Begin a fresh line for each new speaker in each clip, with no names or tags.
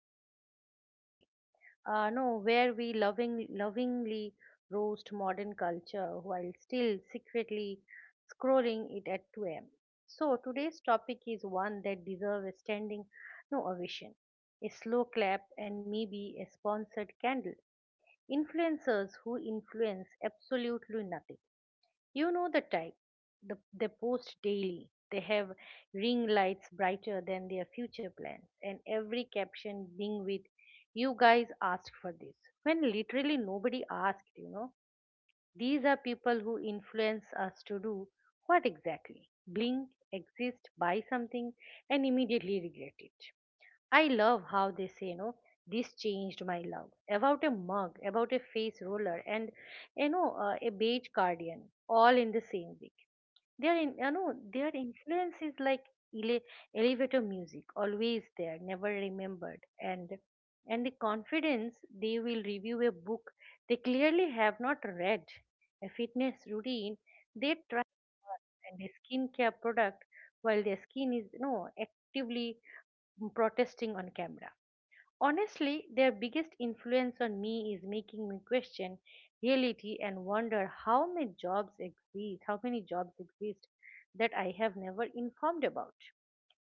our podcast today. No, where we lovingly roast modern culture while still secretly scrolling it at 2 a.m. So today's topic is one that deserves a standing no ovation, a slow clap, and maybe a sponsored candle. Influencers who influence absolutely nothing. You know the type. They post daily. They have ring lights brighter than their future plans, and every caption being with, "You guys asked for this," when literally nobody asked, These are people who influence us to do what exactly? Blink, exist, buy something, and immediately regret it. I love how they say, this changed my love. About a mug, about a face roller, and a beige cardigan, all in the same week. Their in, you know their influence is like ele- elevator music, always there, never remembered, and the confidence. They will review a book they clearly have not read, a fitness routine they try, and a skincare product while their skin is actively protesting on camera. Honestly, their biggest influence on me is making me question reality and wonder how many jobs exist, that I have never informed about.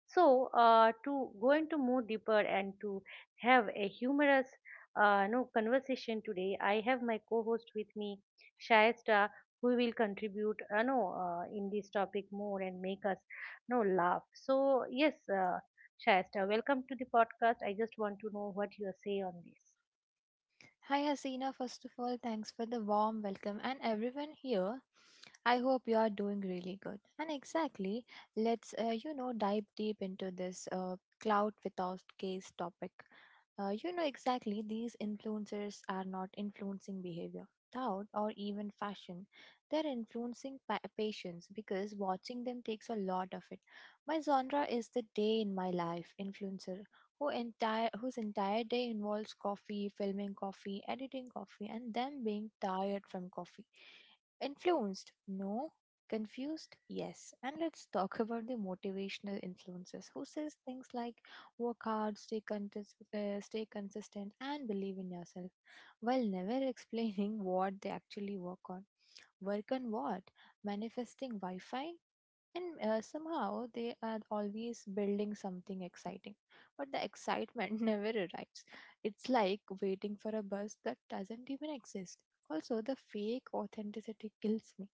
So, to go into more deeper and to have a humorous no conversation today, I have my co-host with me, Shaista, who will contribute no, in this topic more and make us no laugh. So, yes, Shaista, welcome to the podcast. I just want to know what you say on this.
Hi Hasina, first of all, thanks for the warm welcome and everyone here. I hope you are doing really good. And exactly, let's dive deep into this cloud without case topic. Exactly, these influencers are not influencing behavior, thought, or even fashion. They're influencing patience because watching them takes a lot of it. My genre is the day in my life influencer whose entire day involves coffee, filming coffee, editing coffee, and them being tired from coffee. Influenced? No. Confused? Yes. And let's talk about the motivational influences who says things like work hard, stay consistent, and believe in yourself, while never explaining what they actually work on. Work on what? Manifesting Wi Fi? And somehow they are always building something exciting, but the excitement never arrives. It's like waiting for a bus that doesn't even exist. Also, the fake authenticity kills me.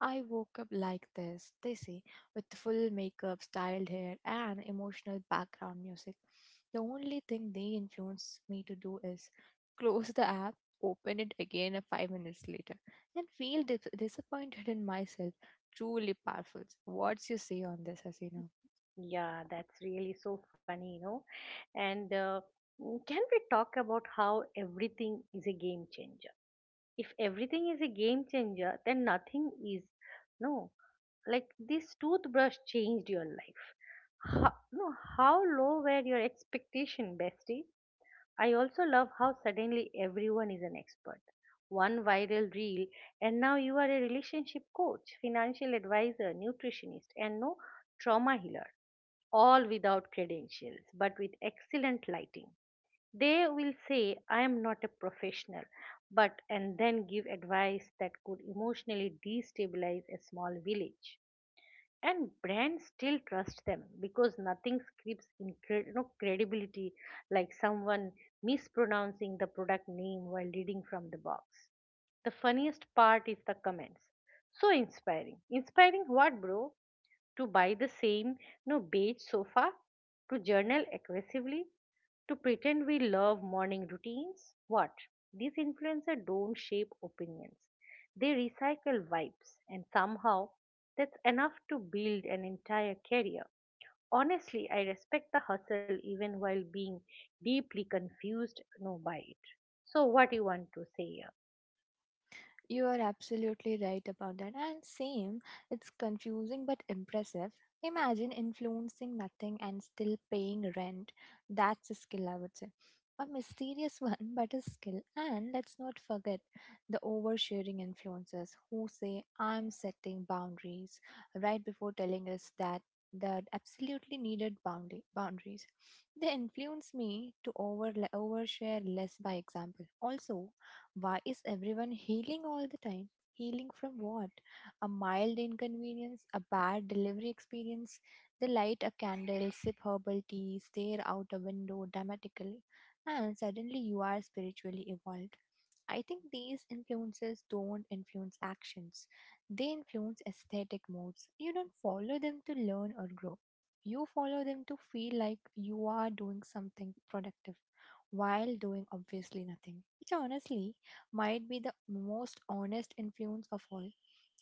I woke up like this, they say, with full makeup, styled hair, and emotional background music. The only thing they influence me to do is close the app, open it again a 5 minutes later, and feel disappointed in myself. Truly powerful. What's you say on this, Hasina?
Yeah, that's really so funny, And can we talk about how everything is a game changer? If everything is a game changer, then nothing is. No Like, this toothbrush changed your life? How, no How low were your expectation, bestie? I also love how suddenly everyone is an expert. One viral reel and now you are a relationship coach, financial advisor, nutritionist, and trauma healer, all without credentials but with excellent lighting. They will say, "I am not a professional," but and then give advice that could emotionally destabilize a small village. And brands still trust them because nothing screams credibility like someone mispronouncing the product name while reading from the box. The funniest part is the comments. So inspiring. Inspiring what, bro? To buy the same no beige sofa, to journal aggressively, to pretend we love morning routines. What? These influencers don't shape opinions. They recycle vibes and somehow that's enough to build an entire career. Honestly, I respect the hustle even while being deeply confused no by it. So what you want to say here?
You are absolutely right about that. And same, it's confusing but impressive. Imagine influencing nothing and still paying rent. That's a skill, I would say. A mysterious one, but a skill. And let's not forget the oversharing influencers who say, I'm setting boundaries right before telling us that that absolutely needed boundary boundaries. They influence me to overshare less by example. Also, why is everyone healing all the time? Healing from what? A mild inconvenience, a bad delivery experience. They light a candle, sip herbal tea, stare out a window dramatically, and suddenly you are spiritually evolved. I think these influences don't influence actions. They influence aesthetic modes. You don't follow them to learn or grow. You follow them to feel like you are doing something productive while doing obviously nothing. Which honestly might be the most honest influence of all.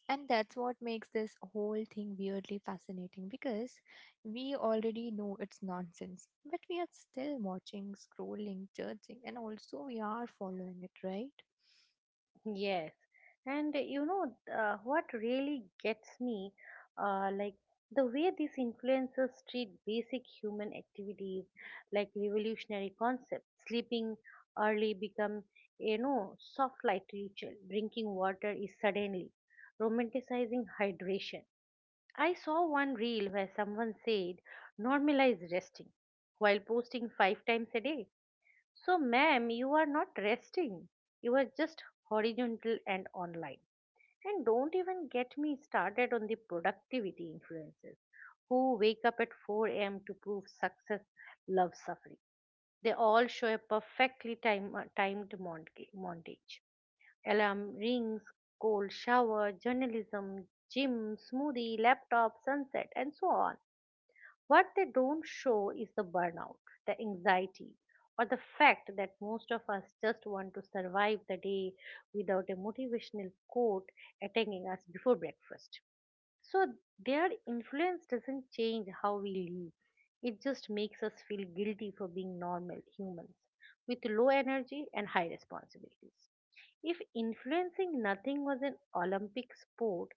And that's what makes this whole thing weirdly fascinating, because we already know it's nonsense, but we are still watching, scrolling, judging, and also we are following it, right?
Yes, and what really gets me, like, the way these influencers treat basic human activities like revolutionary concepts. Sleeping early become soft light ritual, drinking water is suddenly romanticizing hydration. I saw one reel where someone said normalize resting while posting five times a day. So, ma'am, you are not resting. You are just horizontal and online. And don't even get me started on the productivity influences who wake up at 4 a.m. to prove success love suffering. They all show a perfectly timed montage. Alarm rings, cold shower, journalism, gym, smoothie, laptop, sunset, and so on. What they don't show is the burnout, the anxiety, or the fact that most of us just want to survive the day without a motivational quote attacking us before breakfast. So their influence doesn't change how we live. It just makes us feel guilty for being normal humans with low energy and high responsibilities. If influencing nothing was an Olympic sport,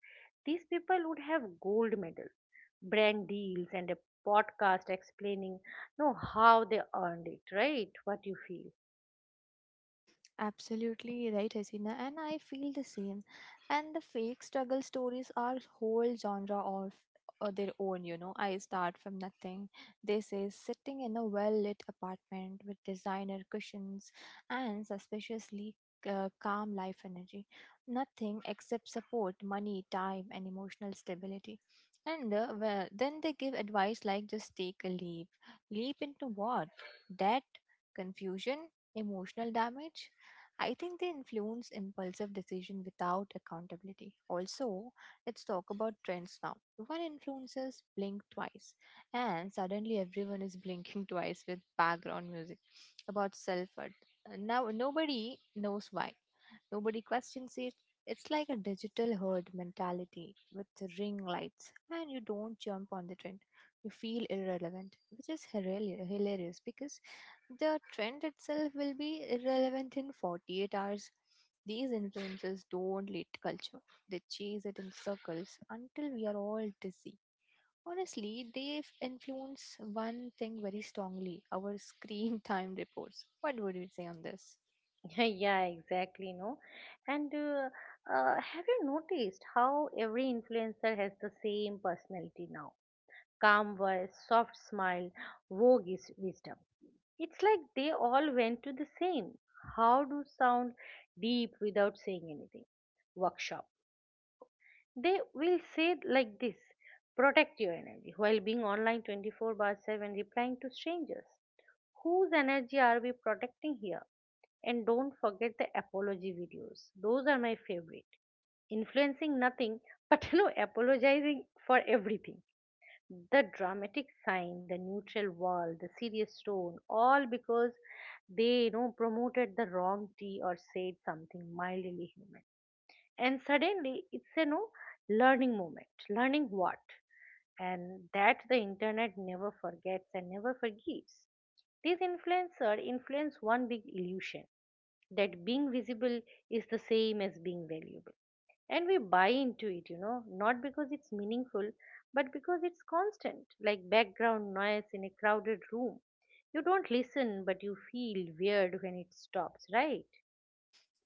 these people would have gold medals, brand deals, and a podcast explaining no how they earned it, right? What you feel?
Absolutely right, Hasina, and I feel the same. And the fake struggle stories are whole genre of their own, you know. I start from nothing. This is sitting in a well lit apartment with designer cushions and suspiciously calm life energy. Nothing except support, money, time, and emotional stability. And well, then they give advice like just take a leap. Leap into what? Debt, confusion, emotional damage. I think they influence impulsive decision without accountability. Also, let's talk about trends now. One influences blink twice, and suddenly everyone is blinking twice with background music about self worth. Now, nobody knows why, nobody questions it. It's like a digital herd mentality with the ring lights, and you don't jump on the trend. You feel irrelevant, which is hilarious because the trend itself will be irrelevant in 48 hours. These influencers don't lead culture, they chase it in circles until we are all dizzy. Honestly, they influence one thing very strongly, our screen time reports. What would you say on this?
Yeah, exactly. No, and have you noticed how every influencer has the same personality now? Calm voice, soft smile, roguish wisdom. It's like they all went to the same, how to sound deep without saying anything, workshop. They will say like this, protect your energy while being online 24 by 7 replying to strangers. Whose energy are we protecting here? And don't forget the apology videos, those are my favorite. Influencing nothing, but apologizing for everything. The dramatic sign, the neutral wall, the serious tone, all because they promoted the wrong tea or said something mildly human. And suddenly it's a no learning moment. Learning what? And that the internet never forgets and never forgives. These influencers influence one big illusion, that being visible is the same as being valuable, and we buy into it, not because it's meaningful but because it's constant, like background noise in a crowded room. You don't listen but you feel weird when it stops, right?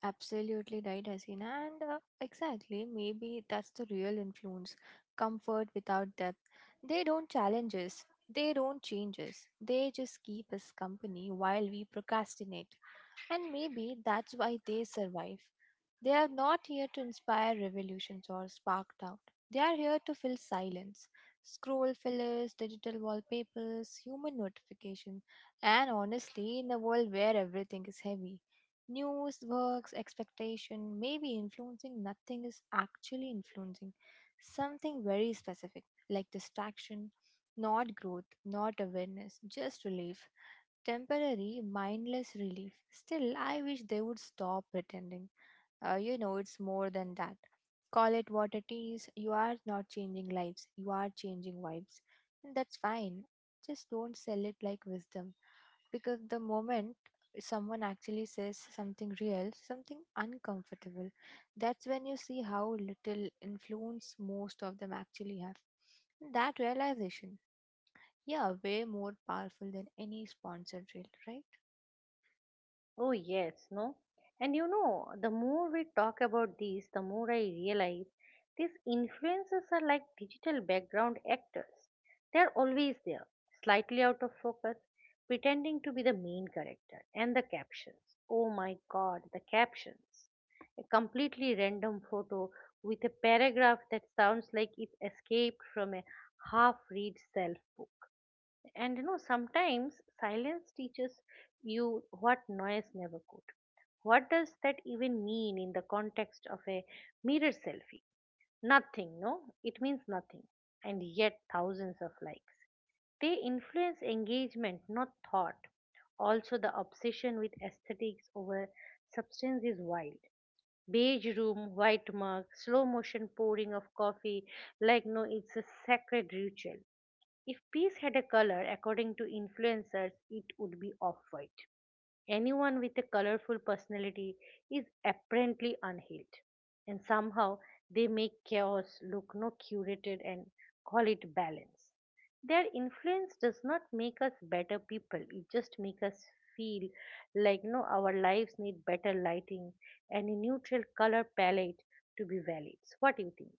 Absolutely right, Hasina. And exactly, maybe that's the real influence, comfort without depth. They don't challenge us, they don't change us, they just keep us company while we procrastinate. And maybe that's why they survive. They are not here to inspire revolutions or spark doubt. They are here to fill silence. Scroll fillers, digital wallpapers, human notification, and honestly, in a world where everything is heavy, news, works, expectation, maybe influencing nothing is actually influencing something very specific, like distraction, not growth, not awareness, just relief. Temporary, mindless relief. Still, I wish they would stop pretending. It's more than that. Call it what it is. You are not changing lives, you are changing vibes. And that's fine. Just don't sell it like wisdom. Because the moment someone actually says something real, something uncomfortable, that's when you see how little influence most of them actually have. That realization, yeah, way more powerful than any sponsored reel, right?
Oh, yes, no? And you know, the more we talk about this, the more I realize these influences are like digital background actors. They're always there, slightly out of focus, pretending to be the main character. And the captions. Oh my god, the captions. A completely random photo with a paragraph that sounds like it escaped from a half read self book. And you know, sometimes silence teaches you what noise never could. What does that even mean in the context of a mirror selfie? Nothing, no? It means nothing. And yet, thousands of likes. They influence engagement, not thought. Also, the obsession with aesthetics over substance is wild. Beige room, white mug, slow motion pouring of coffee, like no, it's a sacred ritual. If peace had a color, according to influencers, it would be off white. Anyone with a colorful personality is apparently unhealed, and somehow they make chaos look no curated and call it balance. Their influence does not make us better people, it just makes us feel like no, our lives need better lighting and a neutral color palette to be valid. So what do you think?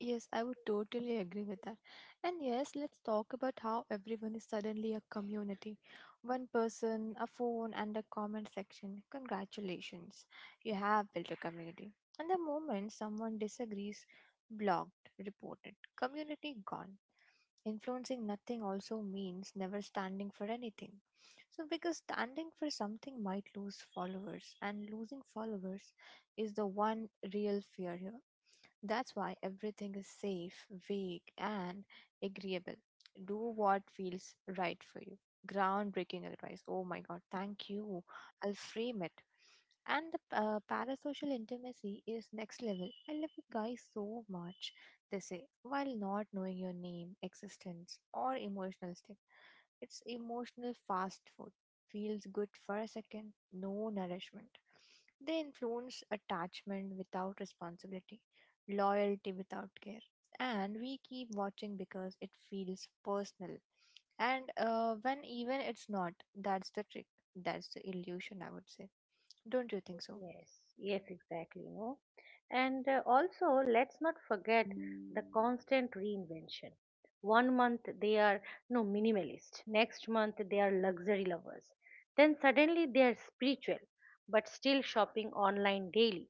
Yes, I would totally agree with that. And yes, let's talk about how everyone is suddenly a community. One person, a phone, and a comment section. Congratulations, you have built a community. And the moment someone disagrees, blocked, reported, community gone. Influencing nothing also means never standing for anything. So, because standing for something might lose followers, and losing followers is the one real fear here. That's why everything is safe, vague, and agreeable. Do what feels right for you. Groundbreaking advice. Oh my god, thank you. I'll frame it. And the parasocial intimacy is next level. I love you guys so much, they say, while not knowing your name, existence, or emotional state. It's emotional fast food. Feels good for a second, no nourishment. They influence attachment without responsibility, loyalty without care. And we keep watching because it feels personal. And when even it's not, that's the trick. That's the illusion, I would say. Don't you think so?
Yes, yes, exactly, you know. And also, let's not forget the constant reinvention. One month they are no minimalist, next month they are luxury lovers. Then suddenly they are spiritual, but still shopping online daily.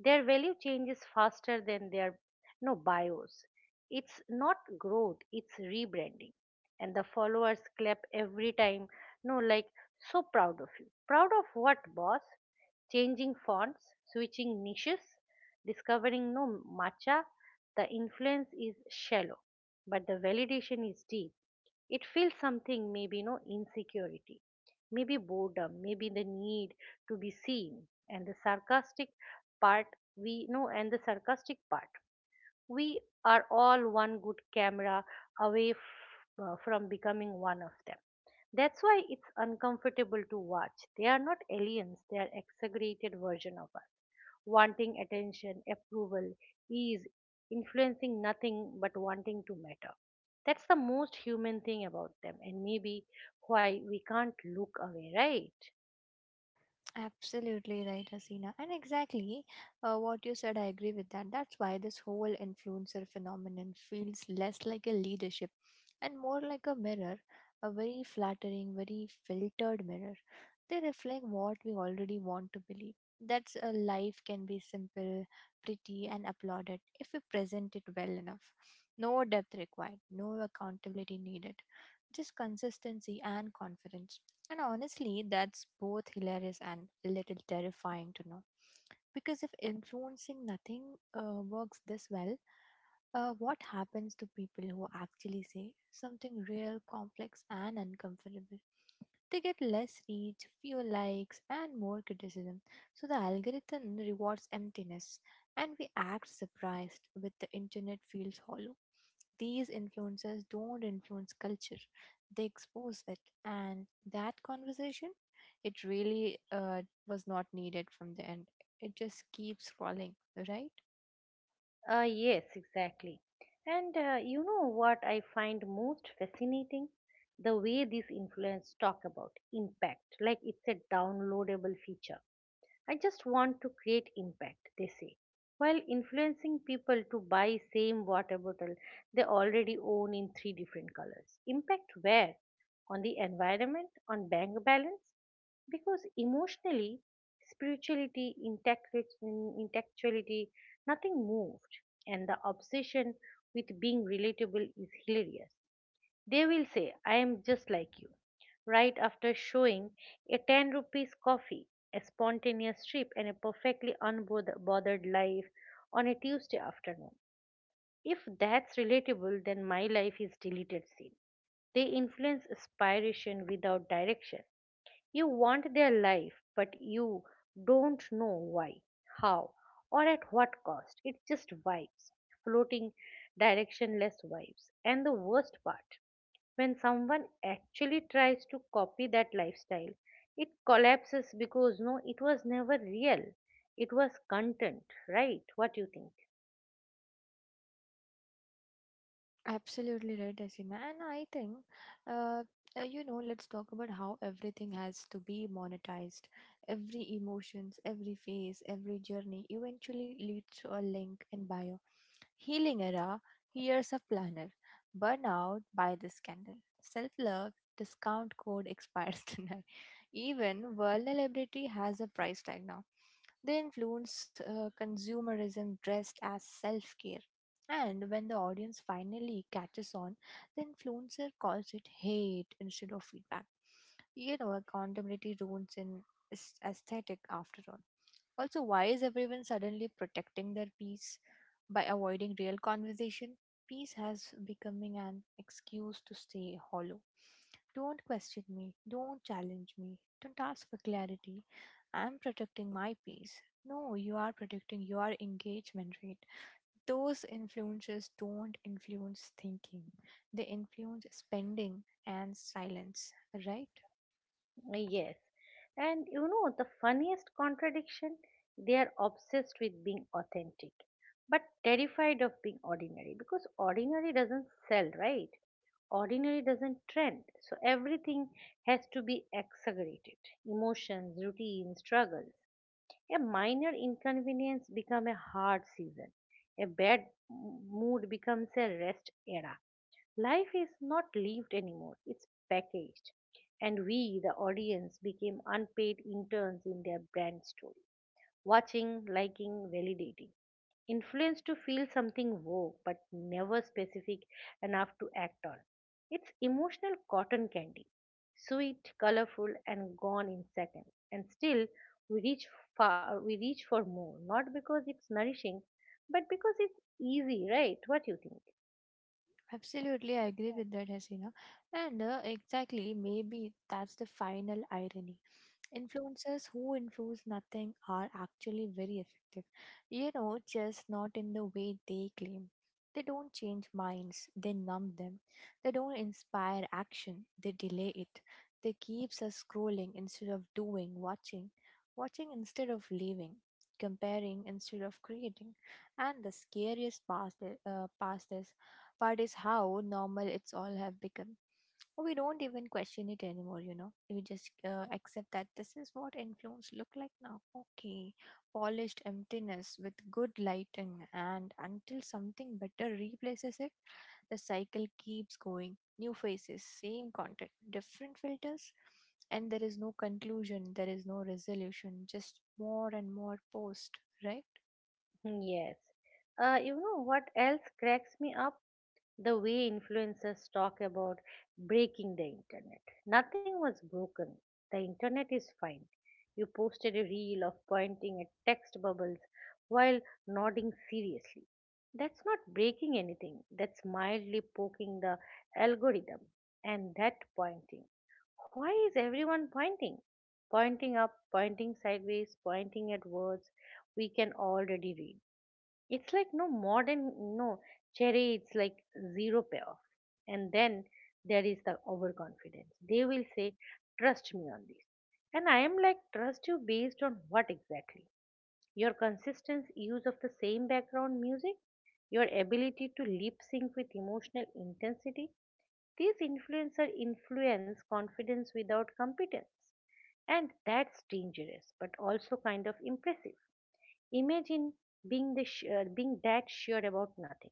Their value changes faster than their no bios. It's not growth, it's rebranding. And the followers clap every time, no, like, so proud of you. Proud of what, boss? Changing fonts, switching niches, discovering no matcha. The influence is shallow, but the validation is deep. It feels something, maybe no insecurity, maybe boredom, maybe the need to be seen, and the sarcastic part and the sarcastic part. We are all one good camera away from becoming one of them. That's why it's uncomfortable to watch. They are not aliens, they are exaggerated version of us wanting attention, approval, ease, influencing nothing but wanting to matter. That's the most human thing about them, and maybe why we can't look away, right?
Absolutely right, Hasina. And exactly what you said, I agree with that. That's why this whole influencer phenomenon feels less like a leadership and more like a mirror, a very flattering, very filtered mirror. They reflect what we already want to believe. That's a life can be simple, pretty, and applauded if we present it well enough. No depth required, no accountability needed, just consistency and confidence, and honestly, that's both hilarious and a little terrifying to know. Because if influencing nothing works this well, what happens to people who actually say something real, complex, and uncomfortable? They get less reach, fewer likes, and more criticism. So the algorithm rewards emptiness, and we act surprised when the internet feels hollow. These influencers don't influence culture, they expose it. And that conversation, it really was not needed from the end. It just keeps scrolling, right?
Yes, exactly. And you know what I find most fascinating? The way these influencers talk about impact, like it's a downloadable feature. I just want to create impact, they say, while influencing people to buy same water bottle they already own in three different colors. Impact where? On the environment, on bank balance, because emotionally, spirituality, intellectuality, nothing moved, and the obsession with being relatable is hilarious. They will say, I am just like you, right after showing a 10 rupees coffee, a spontaneous trip, and a perfectly unbothered life on a Tuesday afternoon. If that's relatable, then my life is deleted scene. They influence aspiration without direction. You want their life, but you don't know why, how, or at what cost. It's just vibes, floating directionless vibes. And the worst part, when someone actually tries to copy that lifestyle, it collapses because it was never real, it was content, right? What do you think?
Absolutely right, Asina. And I think, uh, let's talk about how everything has to be monetized. Every emotions, every phase, every journey eventually leads to a link in bio. Healing Era, Here's a Planner, Burnout by the Scandal, Self Love, Discount Code Expires Tonight. Even Vulnerability has a price tag now. They influence consumerism dressed as self care. And when the audience finally catches on, the influencer calls it hate instead of feedback. You know, accountability ruins in aesthetic after all. Also, why is everyone suddenly protecting their peace by avoiding real conversation? Peace has becoming an excuse to stay hollow. Don't question me. Don't challenge me. Don't ask for clarity. I'm protecting my peace. No, you are protecting your engagement rate. Those influences don't influence thinking, they influence spending and silence, right?
Yes, and you know the funniest contradiction. They are obsessed with being authentic but terrified of being ordinary, because ordinary doesn't sell, right? Ordinary doesn't trend, so everything has to be exaggerated. Emotions, routine, struggle. A minor inconvenience becomes a hard season. A bad mood becomes a rest era. Life is not lived anymore, it's packaged. And we, the audience, became unpaid interns in their brand story, watching, liking, validating. Influence to feel something woke but never specific enough to act on. It's emotional cotton candy, sweet, colorful, and gone in seconds. And still, we reach we reach for more, not because it's nourishing, but because it's easy, right? What you think?
Absolutely, I agree with that, Hasina. And exactly, maybe that's the final irony. Influencers who influence nothing are actually very effective. You know, just not in the way they claim. They don't change minds, they numb them. They don't inspire action, they delay it. They keeps us scrolling instead of doing, watching instead of leaving, comparing instead of creating. And the scariest part, part is how normal it's all have become. We don't even question it anymore, you know. We just accept that this is what influence look like now. Okay, polished emptiness with good lighting, and until something better replaces it, the cycle keeps going. New faces, same content, different filters, and there is no conclusion, there is no resolution, just more and more post, right?
Yes. You know what else cracks me up? The way influencers talk about breaking the internet. Nothing was broken. The internet is fine. You posted a reel of pointing at text bubbles while nodding seriously. That's not breaking anything, that's mildly poking the algorithm. And that pointing. Why is everyone pointing? Pointing up, pointing sideways, pointing at words we can already read. It's like modern, no cherry, it's like zero payoff. And then there is the overconfidence. They will say, "Trust me on this." And I am like, "Trust you based on what exactly? Your consistent use of the same background music? Your ability to lip sync with emotional intensity?" These influencer influence confidence without competence. And that's dangerous, but also kind of impressive. Imagine being, being that sure about nothing.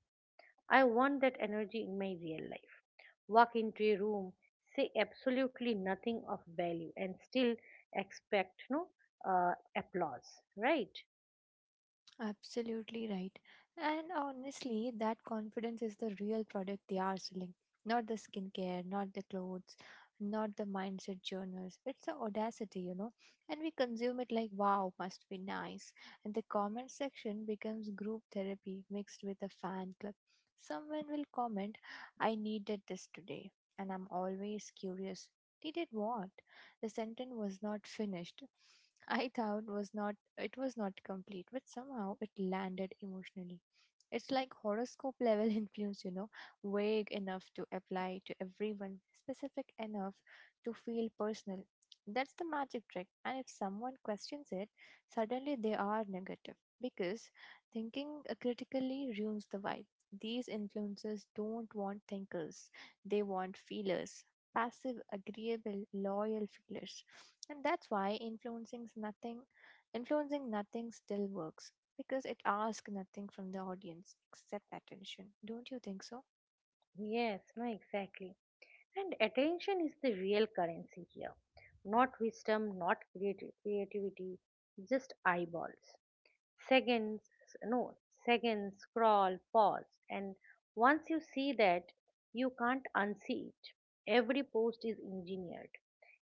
I want that energy in my real life. Walk into a room, say absolutely nothing of value, and still expect applause, right?
Absolutely right. And honestly, that confidence is the real product they are selling. Not the skincare, not the clothes, not the mindset journals. It's the audacity, you know. And we consume it like, wow, must be nice. And the comment section becomes group therapy mixed with a fan club. Someone will comment, I needed this today. And I'm always curious. Needed what? The sentence was not finished. I thought was not it was not complete, but somehow it landed emotionally. It's like horoscope level influence, you know, vague enough to apply to everyone, specific enough to feel personal. That's the magic trick. And if someone questions it, suddenly they are negative because thinking critically ruins the vibe. These influencers don't want thinkers, they want feelers, passive, agreeable, loyal feelers. And that's why Influencing nothing still works because it asks nothing from the audience except attention. Don't you think so?
Yes, no, exactly. And attention is the real currency here. Not wisdom, not creativity, just eyeballs. Seconds, no, seconds, scroll, pause. And once you see that, you can't unsee it. Every post is engineered,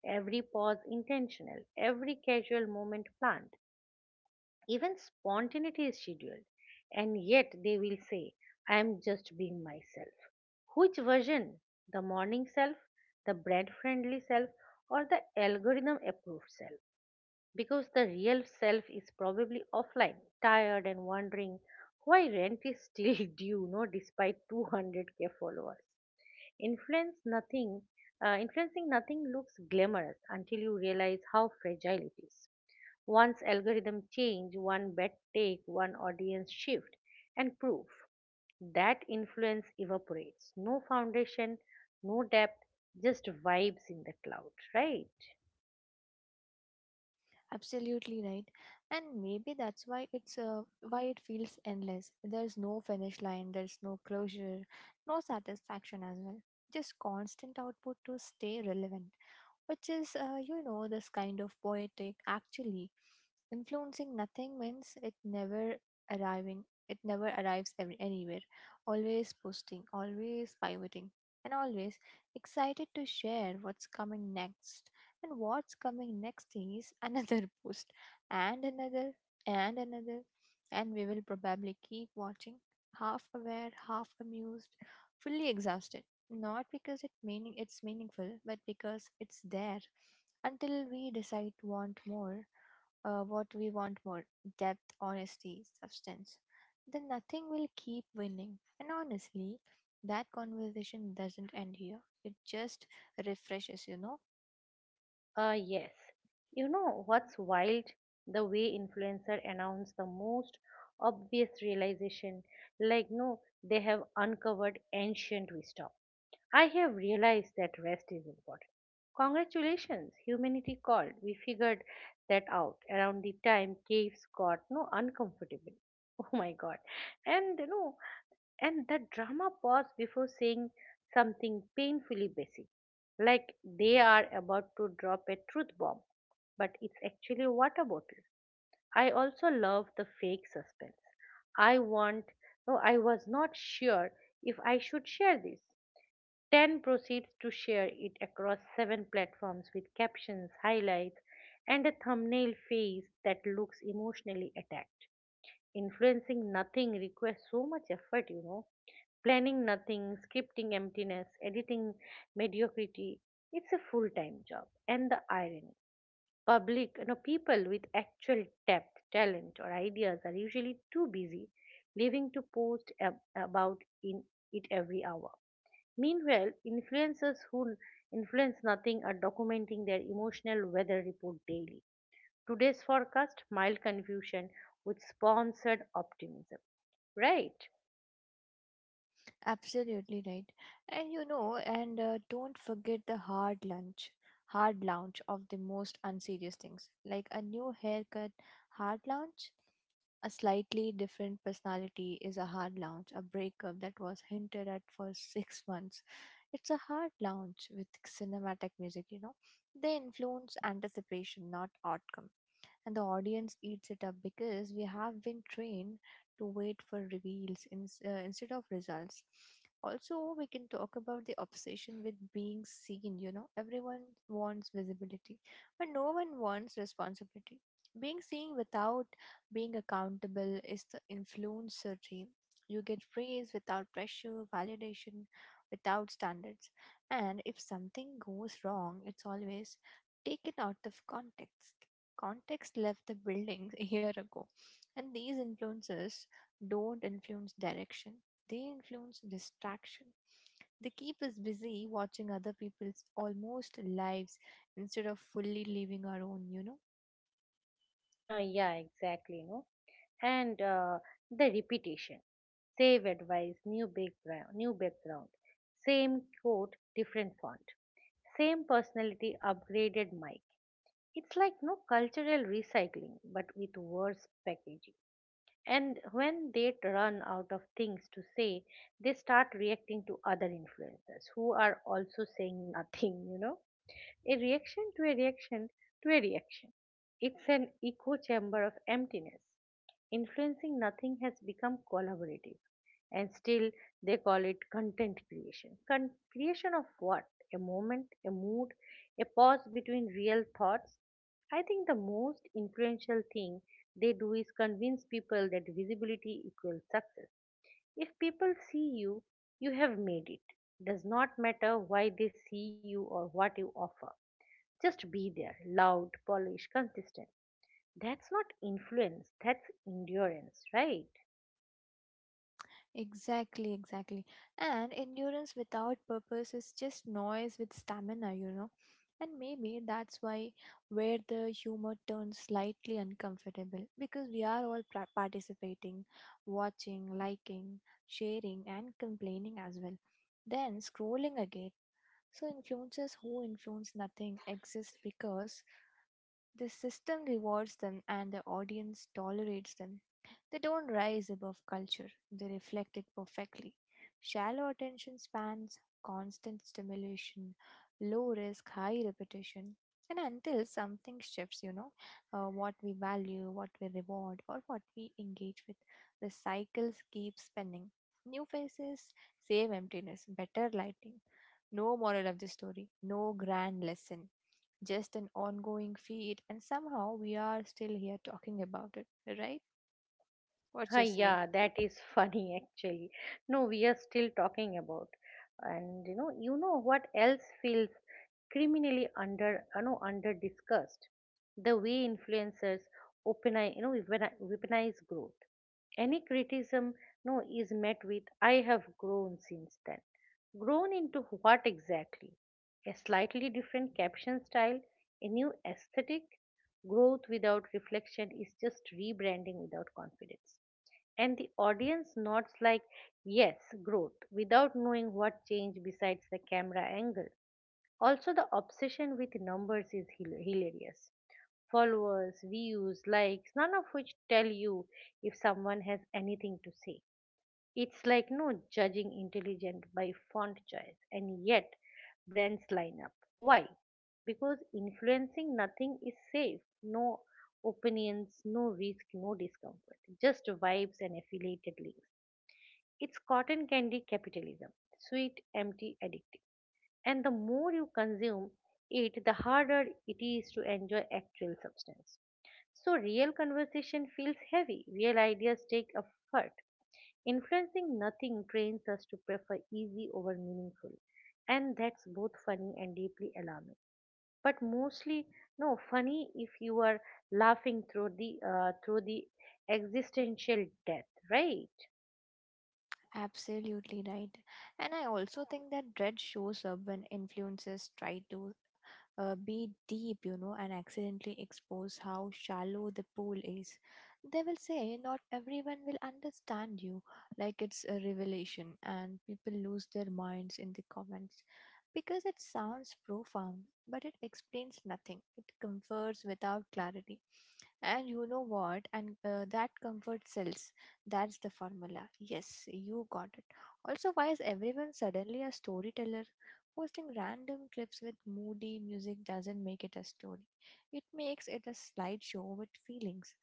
every pause intentional, every casual moment planned. Even spontaneity is scheduled. And yet they will say, "I am just being myself." Which version? The morning self, the brand friendly self, or the algorithm approved self? Because the real self is probably offline, tired and wondering why rent is still due, no, despite 200k followers. Influence nothing, Influencing nothing looks glamorous until you realize how fragile it is. Once algorithm change, one bet take, one audience shift, and proof that influence evaporates. No foundation, no depth, just vibes in the cloud, right?
Absolutely right. And maybe that's why it's why it feels endless. There's no finish line, there's no closure, no satisfaction as well. Just constant output to stay relevant, which is, this kind of poetic actually. Influencing nothing means it never arrives anywhere. Always posting, always pivoting, and always excited to share what's coming next. And what's coming next is another post, and another, and another, and we will probably keep watching, half aware, half amused, fully exhausted, not because it's meaningful, but because it's there until we decide want more: depth, honesty, substance. Then nothing will keep winning. And honestly, that conversation doesn't end here. It just refreshes, you know.
Yes. You know what's wild? The way influencer announce the most obvious realization. Like, no, they have uncovered ancient wisdom. "I have realized that rest is important." Congratulations, humanity called. We figured that out around the time caves got no uncomfortable. Oh my god. And you know. And that drama paused before saying something painfully basic, like they are about to drop a truth bomb, but it's actually a water bottle. I also love the fake suspense. "I want, no, I was not sure if I should share this." 10 proceeds to share it across 7 platforms with captions, highlights, and a thumbnail face that looks emotionally attacked. Influencing nothing requires so much effort, planning nothing, scripting emptiness, editing mediocrity. It's a full time job. And the irony, public, you know, people with actual depth, talent, or ideas are usually too busy living to post about in it every hour. Meanwhile, influencers who influence nothing are documenting their emotional weather report daily. Today's forecast, mild confusion with sponsored optimism, right?
Absolutely right. And don't forget the hard lunch, hard lounge of the most unserious things, like a new haircut, hard lounge. A slightly different personality is a hard lounge, a breakup that was hinted at for six months. It's a hard lounge with cinematic music, you know. They influence anticipation, not outcome, and the audience eats it up because we have been trained to wait for reveals instead of results. Also, we can talk about the obsession with being seen. You know, everyone wants visibility, but no one wants responsibility. Being seen without being accountable is the influencer dream. You get praise without pressure, validation without standards. And if something goes wrong, it's always taken out of context. Context left the building a year ago, and these influences don't influence direction, they influence distraction. They keep us busy watching other people's almost lives instead of fully living our own, you know.
Huh, yeah, exactly. No, and the repetition. Save advice, new background, same quote, different font, same personality, upgraded mic. It's like no cultural recycling, but with worse packaging. And when they run out of things to say, they start reacting to other influencers who are also saying nothing, you know, a reaction to a reaction to a reaction. It's an echo chamber of emptiness. Influencing nothing has become collaborative, and still they call it content creation. Creation of what? A moment, a mood, a pause between real thoughts. I think the most influential thing they do is convince people that visibility equals success. If people see you, you have made it. Does not matter why they see you or what you offer. Just be there, loud, polished, consistent. That's not influence, that's endurance, right?
Exactly, exactly. And endurance without purpose is just noise with stamina, you know. And maybe that's why where the humor turns slightly uncomfortable, because we are all participating, watching, liking, sharing, and complaining as well. Then scrolling again. So influencers who influence nothing exist because the system rewards them and the audience tolerates them. They don't rise above culture, they reflect it perfectly. Shallow attention spans, constant stimulation, low risk, high repetition. And until something shifts, you know, what we value, what we reward, or what we engage with, the cycles keep spinning. New faces, same emptiness, better lighting. No moral of the story, no grand lesson, just an ongoing feed, and somehow we are still here talking about it, right? What's
Hi,
your say?
yeah, that is funny actually. No, we are still talking about. And you know what else feels criminally under, you know, under discussed? The way influencers open, you know, weaponize growth. Any criticism, no, is met with, "I have grown since then." Grown into what exactly? A slightly different caption style, a new aesthetic? Growth without reflection is just rebranding without confidence, and the audience nods like, "Yes, growth," without knowing what changed besides the camera angle. Also, the obsession with numbers is hilarious. Followers, views, likes, none of which tell you if someone has anything to say. It's like no judging intelligent by font choice, and yet brands line up. Why? Because influencing nothing is safe. No opinions, no risk, no discomfort, just vibes and affiliated links. It's cotton candy capitalism, sweet, empty, addictive. And the more you consume it, the harder it is to enjoy actual substance. So, real conversation feels heavy, real ideas take effort. Influencing nothing trains us to prefer easy over meaningful, and that's both funny and deeply alarming. But mostly, no, funny if you are laughing through the existential death, right?
Absolutely right. And I also think that dread shows up when influencers try to be deep, you know, and accidentally expose how shallow the pool is. They will say not everyone will understand you, like it's a revelation, and people lose their minds in the comments because it sounds profound, but it explains nothing. It confers without clarity. And you know what? And That comfort sells. That's the formula. Yes, you got it. Also, why is everyone suddenly a storyteller? Posting random clips with moody music doesn't make it a story. It makes it a slideshow with feelings.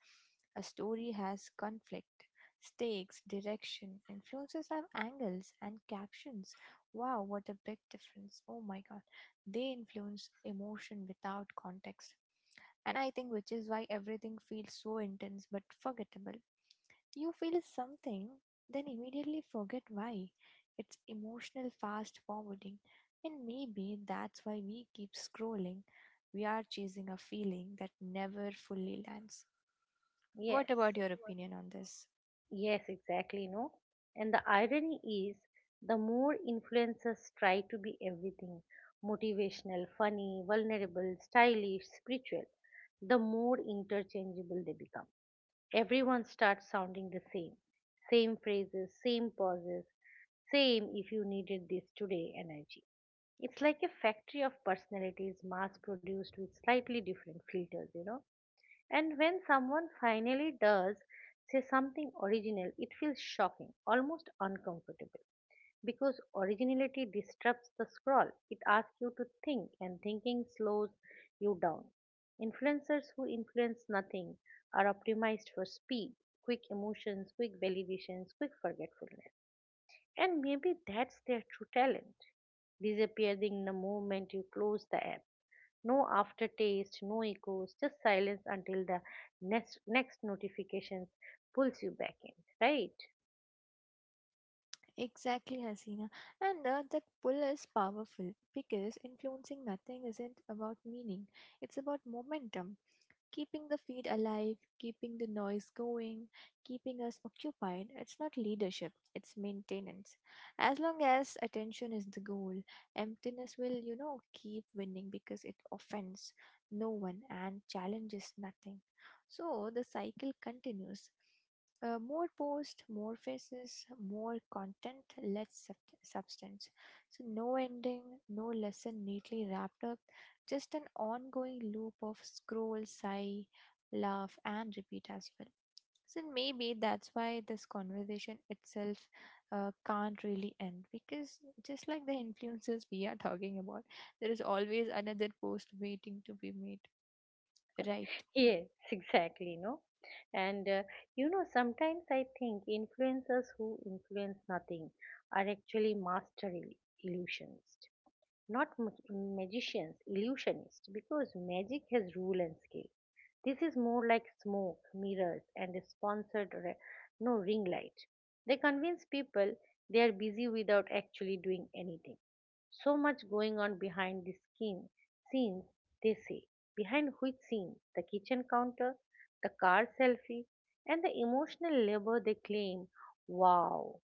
A story has conflict, stakes, direction; influences have angles and captions. Wow, what a big difference. Oh my god. They influence emotion without context. And I think which is why everything feels so intense but forgettable. You feel something, then immediately forget why. It's emotional fast forwarding, and maybe that's why we keep scrolling. We are chasing a feeling that never fully lands.
Yes.
What about your opinion on this?
Yes, exactly, no. And the irony is, the more influencers try to be everything, motivational, funny, vulnerable, stylish, spiritual, the more interchangeable they become. Everyone starts sounding the same. Same phrases, same pauses, same "if you needed this today" energy. It's like a factory of personalities mass produced with slightly different filters, you know. And when someone finally does say something original, it feels shocking, almost uncomfortable. Because originality disrupts the scroll, it asks you to think, and thinking slows you down. Influencers who influence nothing are optimized for speed, quick emotions, quick validations, quick forgetfulness. And maybe that's their true talent, disappearing the moment you close the app. No aftertaste, no echoes, just silence until the next notifications pulls you back in, right?
Exactly, Hasina. And That pull is powerful because influencing nothing isn't about meaning, it's about momentum. Keeping the feed alive, keeping the noise going, keeping us occupied, it's not leadership, it's maintenance. As long as attention is the goal, emptiness will, you know, keep winning because it offends no one and challenges nothing. So the cycle continues. More posts, more faces, more content, less substance. So, no ending, no lesson neatly wrapped up, just an ongoing loop of scroll, sigh, laugh, and repeat as well. So maybe that's why this conversation itself can't really end, because just like the influencers we are talking about, there is always another post waiting to be made, right?
Yes, exactly, no? And you know, sometimes I think influencers who influence nothing are actually master illusions. Not magicians, illusionists, because magic has rule and skill. This is more like smoke, mirrors, and a sponsored re- no ring light. They convince people they are busy without actually doing anything. "So much going on behind the skin scenes," they say. Behind which scenes? The kitchen counter, the car selfie, and the emotional labor they claim. Wow,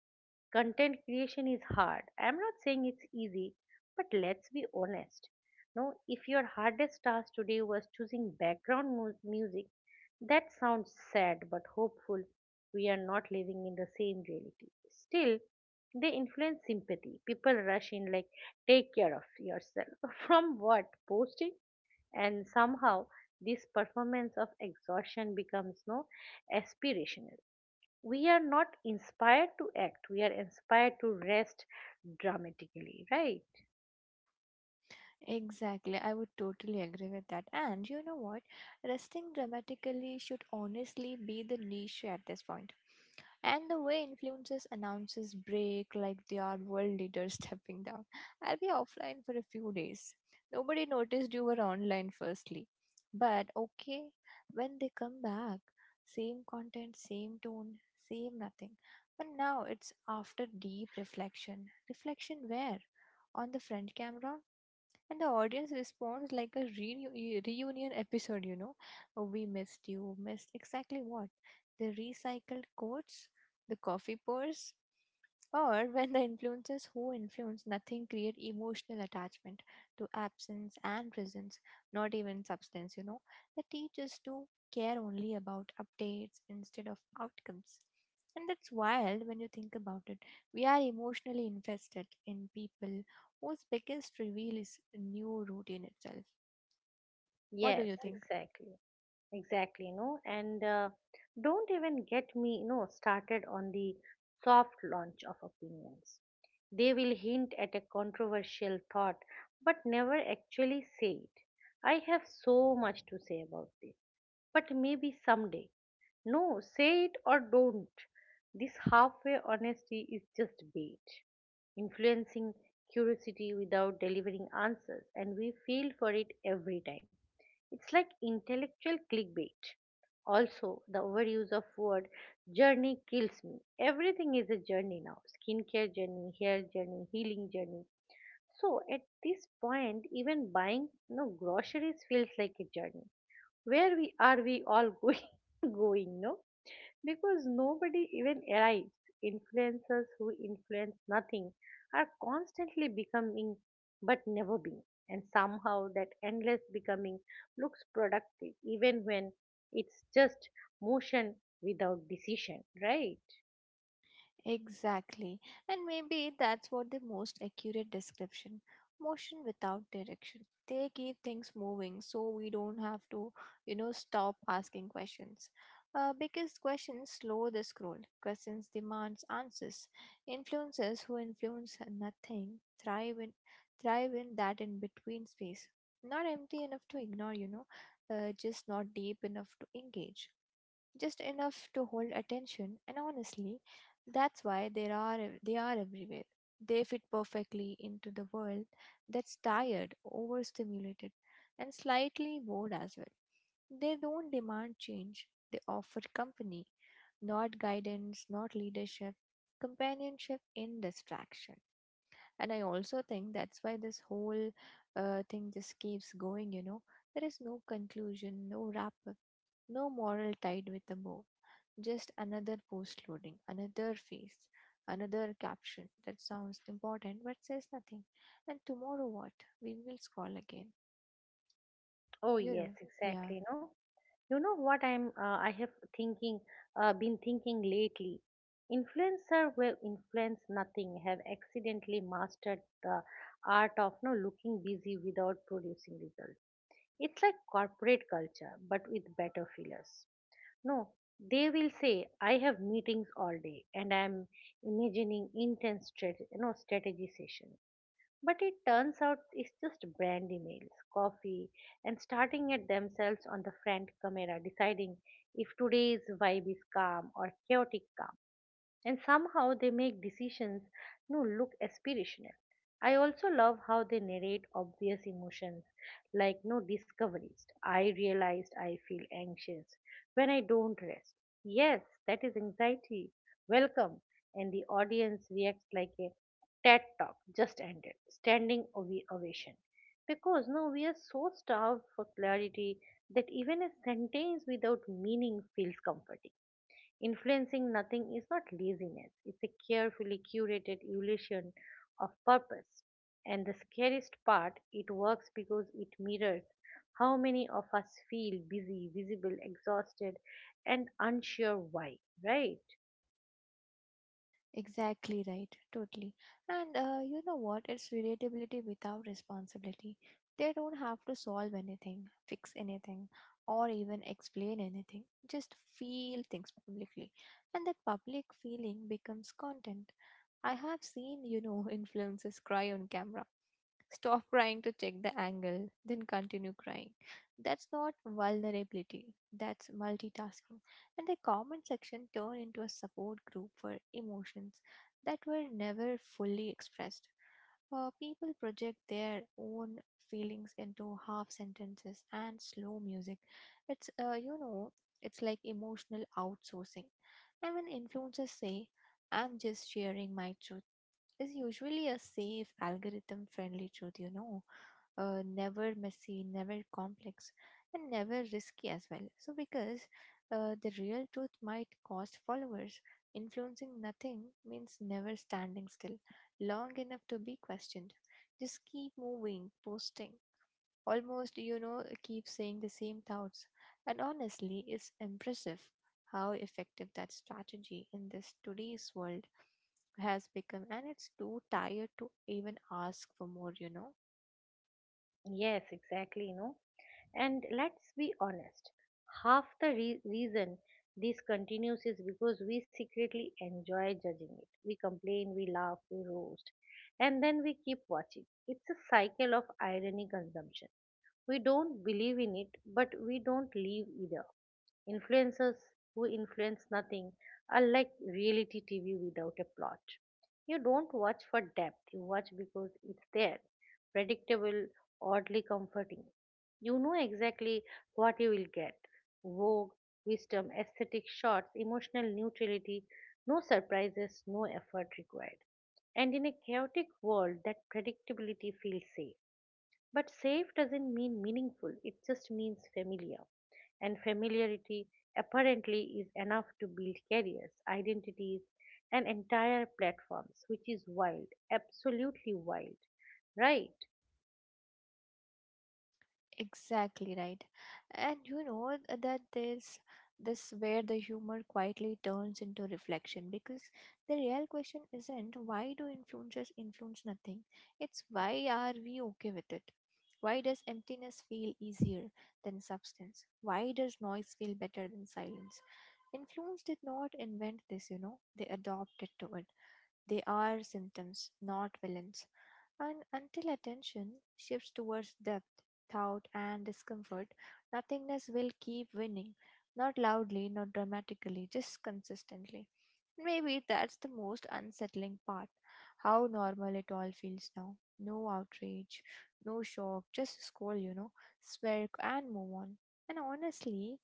content creation is hard, I'm not saying it's easy, but let's be honest, no, if your hardest task today was choosing background music that sounds sad but hopeful, we are not living in the same reality. Still, they influence sympathy, people rush in like, "Take care of yourself," from what, posting? And somehow this performance of exhaustion becomes no aspirational. We are not inspired to act, we are inspired to rest dramatically, right?
Exactly, I would totally agree with that. And you know what? Resting dramatically should honestly be the niche at this point. And the way influencers announces break like they are world leaders stepping down. I'll be offline for a few days. Nobody noticed you were online firstly. But okay, when they come back, same content, same tone, same nothing. But now it's after deep reflection. Reflection where? On the front camera? And the audience responds like a reunion episode, you know. "Oh, we missed you." Missed exactly what? The recycled coats, the coffee pours? Or when the influences who influence nothing create emotional attachment to absence and presence, not even substance, you know, that teach us to care only about updates instead of outcomes. And that's wild when you think about it. We are emotionally invested in people whose biggest reveal is a new routine itself. What do
Yes,
you think?
exactly, exactly, no, and don't even get me, you know, started on the soft launch of opinions. They will hint at a controversial thought but never actually say it. "I have so much to say about this, but maybe someday." No, say it or don't. This halfway honesty is just bait, influencing curiosity without delivering answers, and we feel for it every time. It's like intellectual clickbait. Also, the overuse of word journey kills me. Everything is a journey now. Skincare journey, hair journey, healing journey. So at this point, even buying, you know, groceries feels like a journey. Where we are we all going, no? Because nobody even arrives. Influencers who influence nothing are constantly becoming but never being. And somehow that endless becoming looks productive even when it's just motion without decision, right?
Exactly. And maybe that's what the most accurate description: motion without direction. They keep things moving so we don't have to, you know, stop asking questions. Because questions slow the scroll, questions demands answers. Influencers who influence nothing thrive in that in between space. Not empty enough to ignore, you know, just not deep enough to engage, just enough to hold attention. And honestly, that's why they are everywhere. They fit perfectly into the world that's tired, overstimulated, and slightly bored as well. They don't demand change, they offer company, not guidance, not leadership, companionship in distraction. And I also think that's why this whole thing just keeps going, you know. There is no conclusion, no wrap up, no moral tied with a bow, just another post loading, another face, another caption that sounds important but says nothing. And tomorrow what? We will scroll again.
Oh,
You
yes,
know, yeah,
exactly. No? You know what I have thinking been thinking lately. Influencer will influence nothing have accidentally mastered the art of no looking busy without producing results. It's like corporate culture but with better fillers. No, they will say, "I have meetings all day," and I'm imagining intense you know strategy sessions, but it turns out it's just brand emails, coffee, and starting at themselves on the front camera, deciding if today's vibe is calm or chaotic calm. And somehow they make decisions no look aspirational. I also love how they narrate obvious emotions like no discoveries. "I realized I feel anxious when I don't rest." Yes, that is anxiety, welcome. And the audience reacts like a TED talk just ended, standing ovation, because no, we are so starved for clarity that even a sentence without meaning feels comforting. Influencing nothing is not laziness, it's a carefully curated illusion of purpose. And the scariest part, it works because it mirrors how many of us feel busy, visible, exhausted, and unsure why, right?
exactly right, totally. And You know what? It's relatability without responsibility. They don't have to solve anything, fix anything, or even explain anything. Just feel things publicly. And that public feeling becomes content. I have seen, you know, influencers cry on camera, stop crying to check the angle, then continue crying. That's not vulnerability, that's multitasking. And the comment section turned into a support group for emotions that were never fully expressed. People project their own feelings into half sentences and slow music. It's, uh, you know, it's like emotional outsourcing. And when influencers say, I'm just sharing my truth, is usually a safe, algorithm friendly truth, you know. Never messy, never complex, and never risky as well. So, because the real truth might cost followers, influencing nothing means never standing still long enough to be questioned. Just keep moving, posting, almost, you know, keep saying the same thoughts. And honestly, it's impressive how effective that strategy in this today's world has become, and it's too tired to even ask for more, you know.
Yes, exactly, you know. And let's be honest, half the reason this continues is because we secretly enjoy judging it. We complain, we laugh, we roast, and then we keep watching. It's a cycle of irony consumption. We don't believe in it, but we don't live either. Influencers who influence nothing are like reality TV without a plot. You don't watch for depth, you watch because it's there, predictable, oddly comforting. You know exactly what you will get, vogue, wisdom, aesthetic shots, emotional neutrality, no surprises, no effort required. And in a chaotic world, that predictability feels safe. But safe doesn't mean meaningful, it just means familiar. And familiarity apparently is enough to build careers, identities, and entire platforms, which is wild, absolutely wild, right?
Exactly right. And you know that there's this where the humor quietly turns into reflection, because the real question isn't why do influencers influence nothing? It's why are we okay with it? Why does emptiness feel easier than substance? Why does noise feel better than silence? Influence did not invent this, you know, they adopted to it. They are symptoms, not villains. And until attention shifts towards depth, thought, and discomfort, nothingness will keep winning. Not loudly, not dramatically, just consistently. Maybe that's the most unsettling part. How normal it all feels now. No outrage, no shock, just scroll, you know, smirk, and move on. And honestly,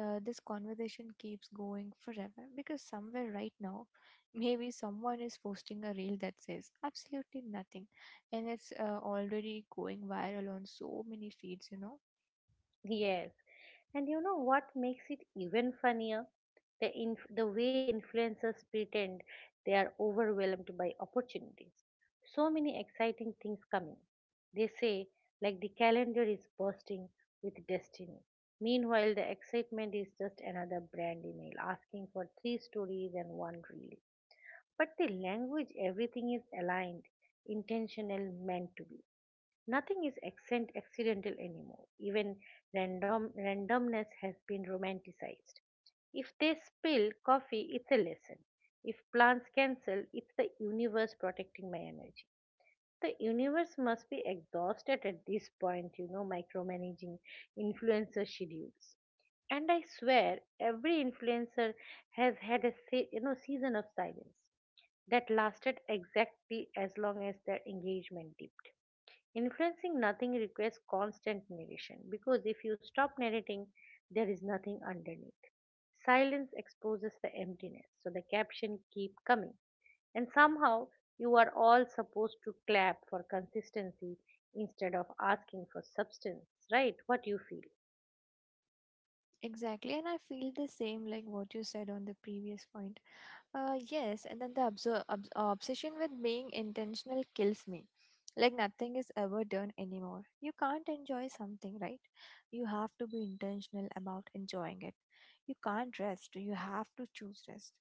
this conversation keeps going forever because somewhere right now maybe someone is posting a reel that says absolutely nothing and it's already going viral on so many feeds, you know.
Yes. And you know what makes it even funnier? The, the way influencers pretend they are overwhelmed by opportunities. "So many exciting things coming," they say, like the calendar is bursting with destiny. Meanwhile, the excitement is just another brand email asking for three stories and one reel. But the language, everything is aligned, intentional, meant to be. Nothing is accent accidental anymore. Even randomness has been romanticized. If they spill coffee, it's a lesson. If plans cancel, it's the universe protecting my energy. The universe must be exhausted at this point, micromanaging influencer schedules. And I swear, every influencer has had a season of silence that lasted exactly as long as their engagement dipped. Influencing nothing requires constant narration because if you stop narrating, there is nothing underneath. Silence exposes the emptiness, so the caption keep coming. And somehow you are all supposed to clap for consistency instead of asking for substance, right? What you feel.
Exactly, and I feel the same like what you said on the previous point. Yes, and then the obsession with being intentional kills me. Like nothing is ever done anymore. You can't enjoy something, right? You have to be intentional about enjoying it. You can't rest. You have to choose rest.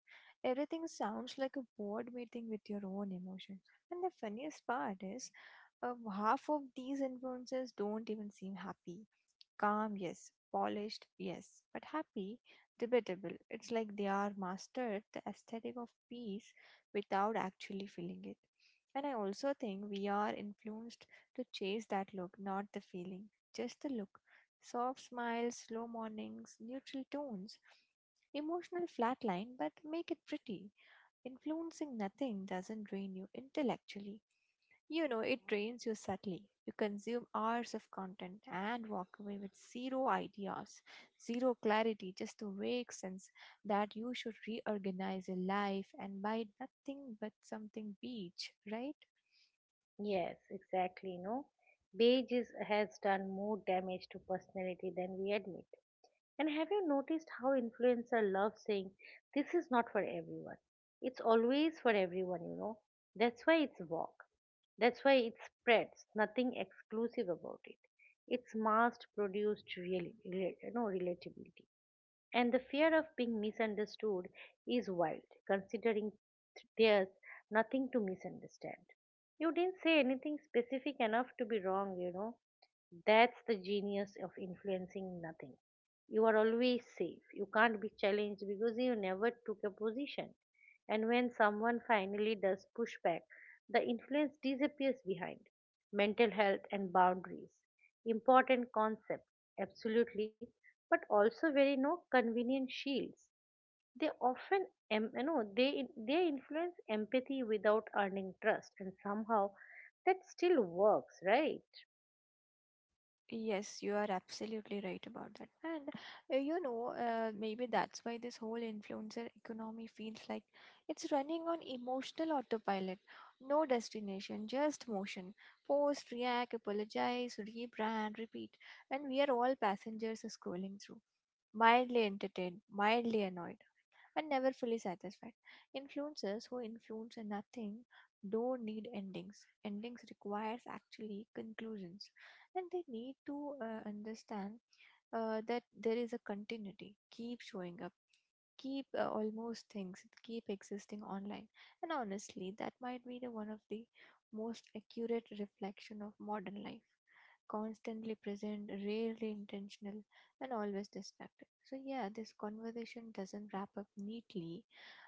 Everything sounds like a board meeting with your own emotions. And the funniest part is, half of these influences don't even seem happy. Calm, yes. Polished, yes. But happy, debatable. It's like they are mastered the aesthetic of peace without actually feeling it. And I also think we are influenced to chase that look, not the feeling, just the look. Soft smiles, slow mornings, neutral tones, emotional flatline, but make it pretty. Influencing nothing doesn't drain you intellectually. You know, it drains you subtly. You consume hours of content and walk away with zero ideas, zero clarity, just a vague sense that you should reorganize your life and buy nothing but something beach, right?
Yes, exactly. No, beige is, has done more damage to personality than we admit. And have you noticed how influencers love saying this is not for everyone? It's always for everyone, That's why it's walk. That's why it spreads. Nothing exclusive about it. It's mass produced really, real relatability. And the fear of being misunderstood is wild, considering there's nothing to misunderstand. You didn't say anything specific enough to be wrong, That's the genius of influencing nothing. You are always safe. You can't be challenged because you never took a position. And when someone finally does push back, the influence disappears behind. Mental health and boundaries. Important concepts, absolutely, but also very no convenient shields. They often em- you know they influence empathy without earning trust and somehow that still works, right?
Yes, you are absolutely right about that. And maybe that's why this whole influencer economy feels like it's running on emotional autopilot. No destination, just motion. Post, react, apologize, rebrand, repeat. And we are all passengers scrolling through, mildly entertained, mildly annoyed, and never fully satisfied. Influencers who influence nothing don't need endings. Endings requires actually conclusions, and they need to understand that there is a continuity. Keep showing up, keep almost things keep existing online. And honestly that might be the one of the most accurate reflection of modern life, constantly present, rarely intentional, and always distracted. So yeah, this conversation doesn't wrap up neatly.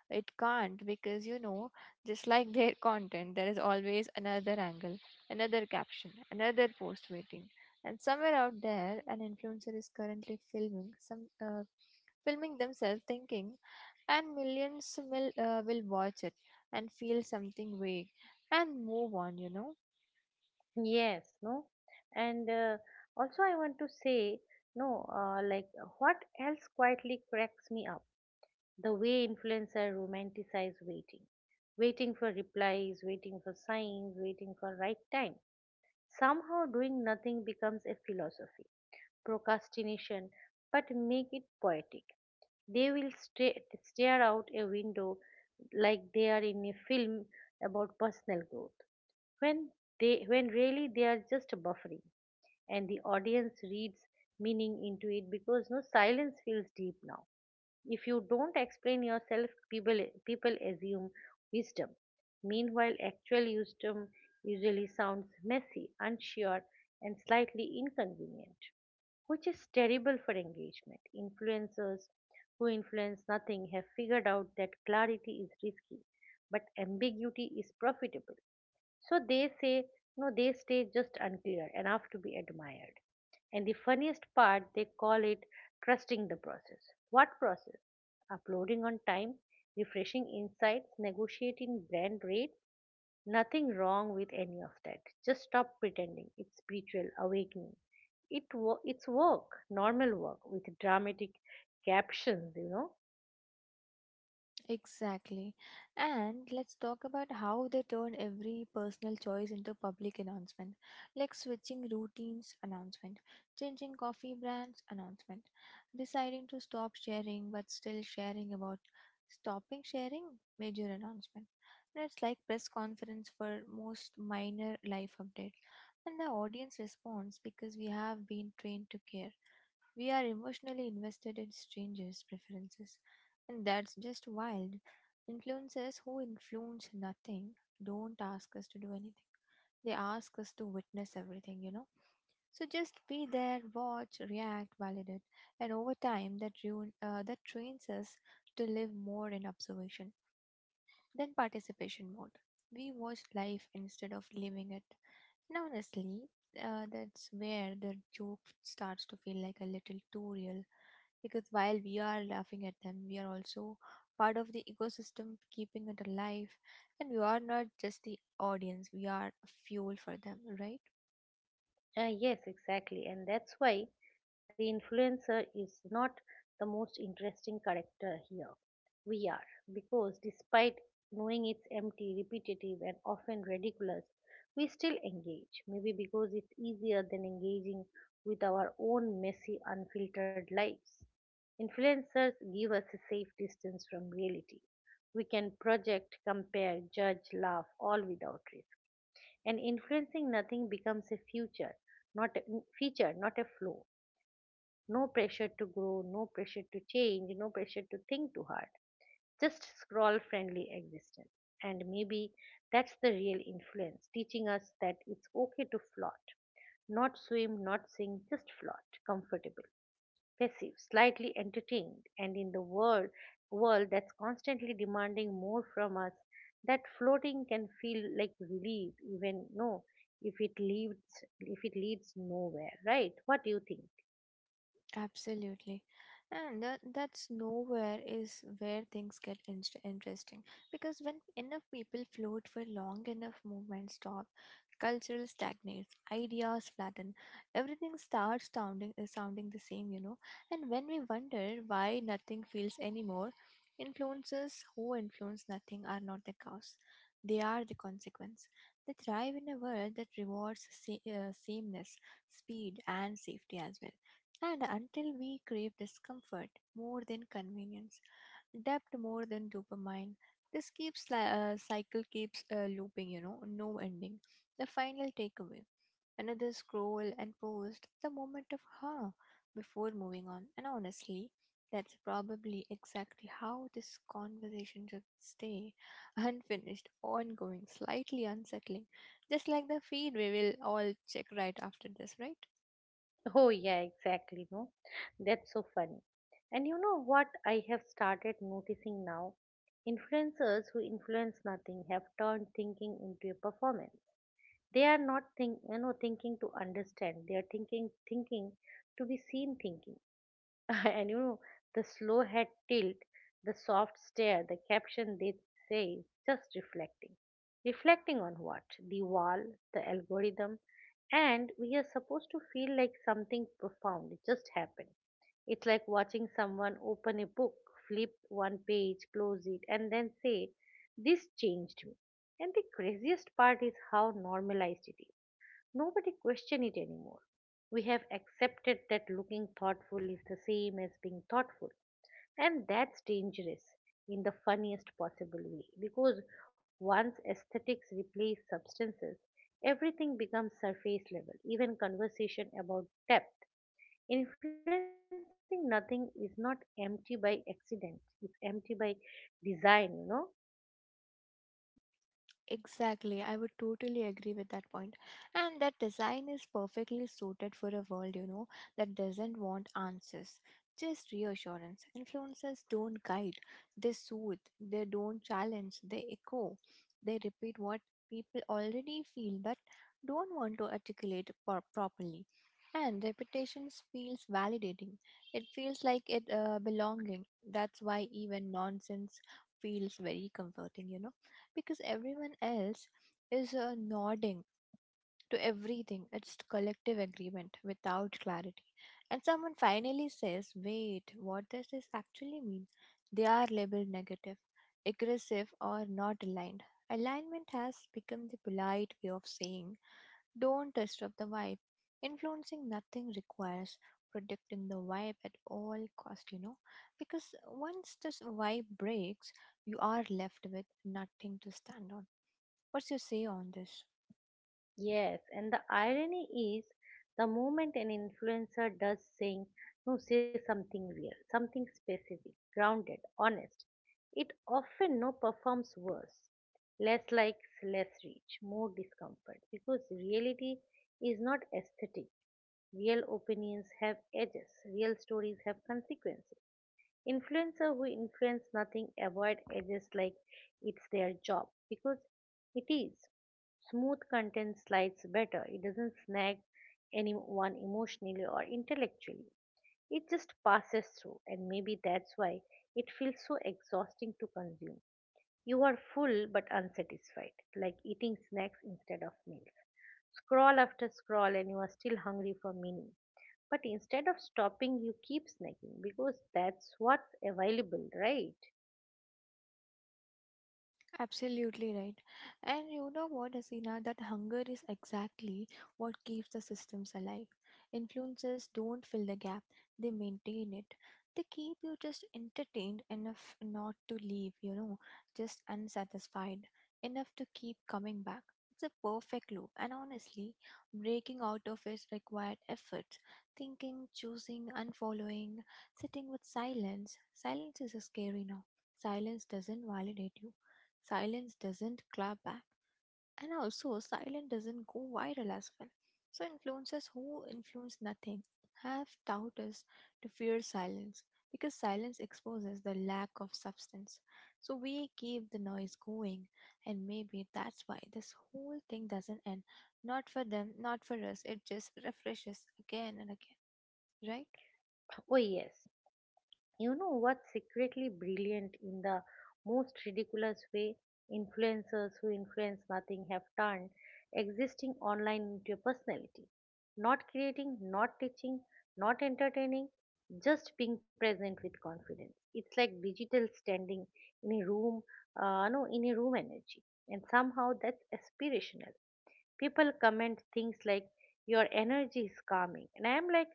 It can't because just like their content, there is always another angle, another caption, another post waiting. And somewhere out there, an influencer is currently filming themselves thinking, and millions will watch it and feel something vague and move on.
Yes, no, and also I want to say, no, like what else quietly cracks me up? The way influencers romanticize waiting, waiting for replies, waiting for signs, waiting for right time. Somehow doing nothing becomes a philosophy, procrastination, but make it poetic. They will stare out a window like they are in a film about personal growth when they when really they are just buffering, and the audience reads meaning into it because no silence feels deep now. If you don't explain yourself, people assume wisdom. Meanwhile actual wisdom usually sounds messy, unsure, and slightly inconvenient, which is terrible for engagement. Influencers who influence nothing have figured out that clarity is risky, but ambiguity is profitable, so they say, no, they stay just unclear enough to be admired. And the funniest part, they call it trusting the process. What process? Uploading on time, refreshing insights, negotiating brand rates. Nothing wrong with any of that. Just stop pretending. It's spiritual awakening. It's work, normal work with dramatic captions,
Exactly. And let's talk about how they turn every personal choice into public announcement, like switching routines announcement, changing coffee brands announcement, deciding to stop sharing but still sharing about stopping sharing major announcement. And it's like press conference for most minor life update. And the audience responds because we have been trained to care. We are emotionally invested in strangers' preferences, and that's just wild. Influencers who influence nothing don't ask us to do anything, they ask us to witness everything, you know. So just be there, watch, react, validate, and over time that trains us to live more in observation then participation mode. We watch life instead of living it. And honestly, that's where the joke starts to feel like a little too real because while we are laughing at them, we are also part of the ecosystem, keeping it alive, and we are not just the audience, we are fuel for them, right?
Yes, exactly. And that's why the influencer is not the most interesting character here. We are. Because despite knowing it's empty, repetitive, and often ridiculous, we still engage. Maybe because it's easier than engaging with our own messy, unfiltered lives. Influencers give us a safe distance from reality. We can project, compare, judge, laugh, all without risk, and influencing nothing becomes a future, not a feature, not a flow. No pressure to grow, no pressure to change, no pressure to think too hard, just scroll friendly existence. And maybe that's the real influence, teaching us that it's okay to float, not swim, not sing, just float comfortably, passive, slightly entertained, and in the world that's constantly demanding more from us, that floating can feel like relief, even no, if it leads if it leads nowhere, right? What do you think?
Absolutely. And that's nowhere is where things get interesting because when enough people float for long enough, movements stop, cultural stagnates, ideas flatten, everything starts sounding the same, you know. And when we wonder why nothing feels anymore, influences who influence nothing are not the cause; they are the consequence. They thrive in a world that rewards sameness, speed, and safety as well. And until we crave discomfort more than convenience, depth more than dopamine, this cycle keeps looping. You know, no ending. The final takeaway: another scroll and post. The moment of huh before moving on. And honestly, that's probably exactly how this conversation should stay: unfinished, ongoing, slightly unsettling, just like the feed we will all check right after this, right?
Oh yeah, exactly. No, that's so funny. And you know what I have started noticing now? Influencers who influence nothing have turned thinking into a performance. They are not thinking to understand, they are thinking to be seen thinking. And you know, the slow head tilt, the soft stare, the caption, they say just reflecting. Reflecting on what? The wall? The algorithm? And we are supposed to feel like something profound it just happened. It's like watching someone open a book, flip one page, close it, and then say this changed me. And the craziest part is how normalized it is. Nobody question it anymore. We have accepted that looking thoughtful is the same as being thoughtful, and that's dangerous in the funniest possible way because once aesthetics replace substances, everything becomes surface level, even conversation about depth. Influencing nothing is not empty by accident, it's empty by design,
Exactly, I would totally agree with that point. And that design is perfectly suited for a world, you know, that doesn't want answers, just reassurance. Influencers don't guide, they soothe, they don't challenge, they echo, they repeat what people already feel but don't want to articulate properly. And repetitions feels validating. It feels like it belonging. That's why even nonsense feels very comforting, you know, because everyone else is nodding to everything. It's collective agreement without clarity. And someone finally says, wait, what does this actually mean? They are labeled negative, aggressive, or not aligned. Alignment has become the polite way of saying, don't disrupt the vibe. Influencing nothing requires protecting the vibe at all cost, you know, because once this vibe breaks, you are left with nothing to stand on. What's your say on this?
Yes, and the irony is the moment an influencer does saying no say something real, something specific, grounded, honest, it often no performs worse. Less likes, less reach, more discomfort because reality is not aesthetic. Real opinions have edges, real stories have consequences. Influencers who influence nothing avoid edges like it's their job because it is. Smooth content slides better. It doesn't snag anyone emotionally or intellectually. It just passes through, and maybe that's why it feels so exhausting to consume. You are full but unsatisfied, like eating snacks instead of meals. Scroll after scroll, and you are still hungry for meaning. But instead of stopping, you keep snacking because that's what's available, right?
Absolutely right. And you know what, Hasina, that hunger is exactly what keeps the systems alive. Influencers don't fill the gap, they maintain it. They keep you just entertained enough not to leave, you know, just unsatisfied, enough to keep coming back. It's a perfect loop, and honestly, breaking out of it required effort. Thinking, choosing, unfollowing, sitting with silence. Silence is scary now. Silence doesn't validate you. Silence doesn't clap back, and also silence doesn't go viral as well. So influencers who influence nothing have taught us to fear silence because silence exposes the lack of substance. So we keep the noise going, and maybe that's why this whole thing doesn't end. Not for them, not for us. It just refreshes again and again, right?
Oh, yes. You know what's secretly brilliant in the most ridiculous way? Influencers who influence nothing have turned existing online into a personality. Not creating, not teaching, not entertaining, just being present with confidence. It's like digital standing in a room, no, in a room energy. And somehow that's aspirational. People comment things like, your energy is calming. And I'm like,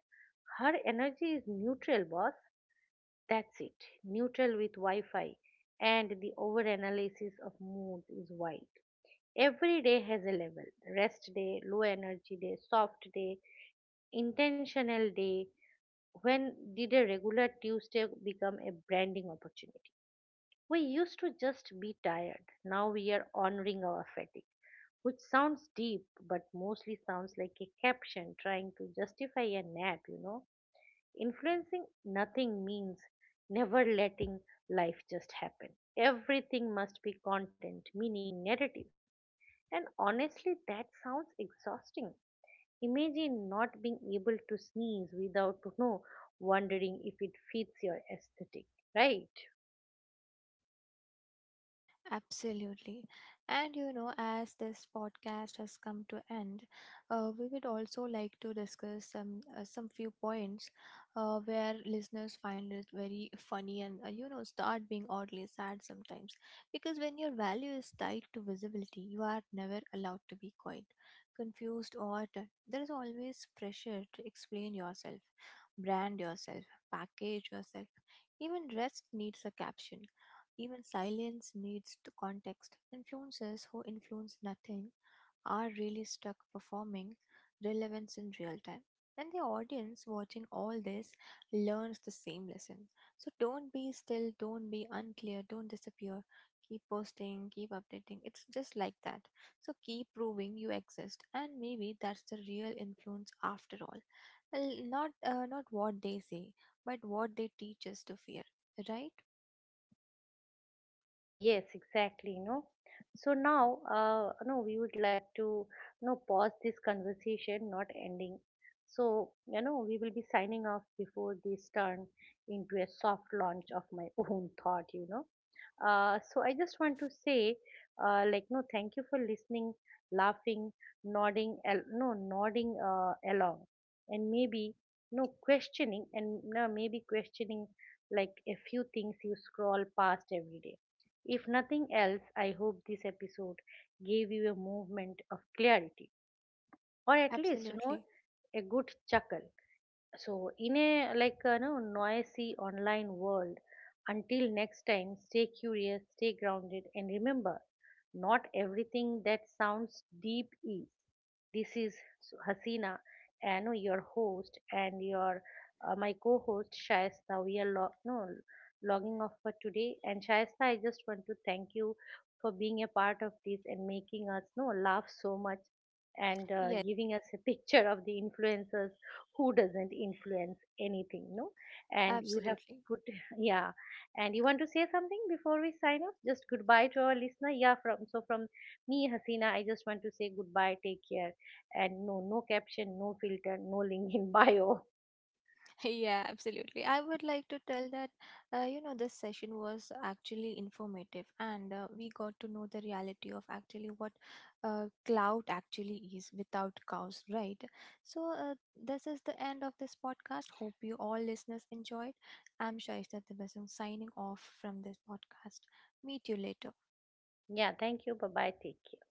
her energy is neutral boss, that's it. Neutral with Wi Fi. And the overanalysis of moods is wide. Every day has a level: rest day, low energy day, soft day, intentional day. When did a regular Tuesday become a branding opportunity? We used to just be tired. Now we are honoring our fatigue, which sounds deep but mostly sounds like a caption trying to justify a nap, Influencing nothing means never letting life just happen. Everything must be content, meaning, narrative. And honestly, that sounds exhausting. Imagine not being able to sneeze without to know, wondering if it fits your aesthetic, right?
Absolutely. And you know, as this podcast has come to end, we would also like to discuss some few points where listeners find it very funny and you know, start being oddly sad sometimes because when your value is tied to visibility, you are never allowed to be quiet, confused, or there is always pressure to explain yourself, brand yourself, package yourself. Even rest needs a caption, even silence needs to context. Influencers who influence nothing are really stuck performing relevance in real time. And the audience watching all this learns the same lesson. So don't be still, don't be unclear, don't disappear. Keep posting, keep updating. It's just like that. So keep proving you exist. And maybe that's the real influence after all. Well, not what they say, but what they teach us to fear, right?
Oh yes, exactly. No, so now, no, we would like to, pause this conversation, not ending. So you know, we will be signing off before this turn into a soft launch of my own thought. You know, so I just want to say, like, no, thank you for listening, laughing, nodding, al- no, nodding along, and maybe no questioning, and no, maybe questioning like a few things you scroll past every day. If nothing else, I hope this episode gave you a movement of clarity, or at least,
Absolutely.
a good chuckle. So, in a like noisy online world, until next time, stay curious, stay grounded, and remember, not everything that sounds deep is. This is Hasina, and no, your host, and your my co-host Shaista. We are lo- no logging off for today, and Shaista, I just want to thank you for being a part of this and making us no laugh so much and
Yes.
giving us a picture of the influencers who doesn't influence anything no. And you have
Absolutely.
good yeah. And you want to say something before we sign off, just goodbye to our listener. Yeah, from so from me Hasina, I just want to say goodbye, take care, and no, no caption, no filter, no link in bio.
Yeah, absolutely. I would like to tell that, you know, this session was actually informative and we got to know the reality of actually what cloud actually is without cows, right? So, this is the end of this podcast. Hope you all listeners enjoyed. I'm Shaista Tabasum signing off from this podcast. Meet you later.
Yeah, thank you, bye bye, take care.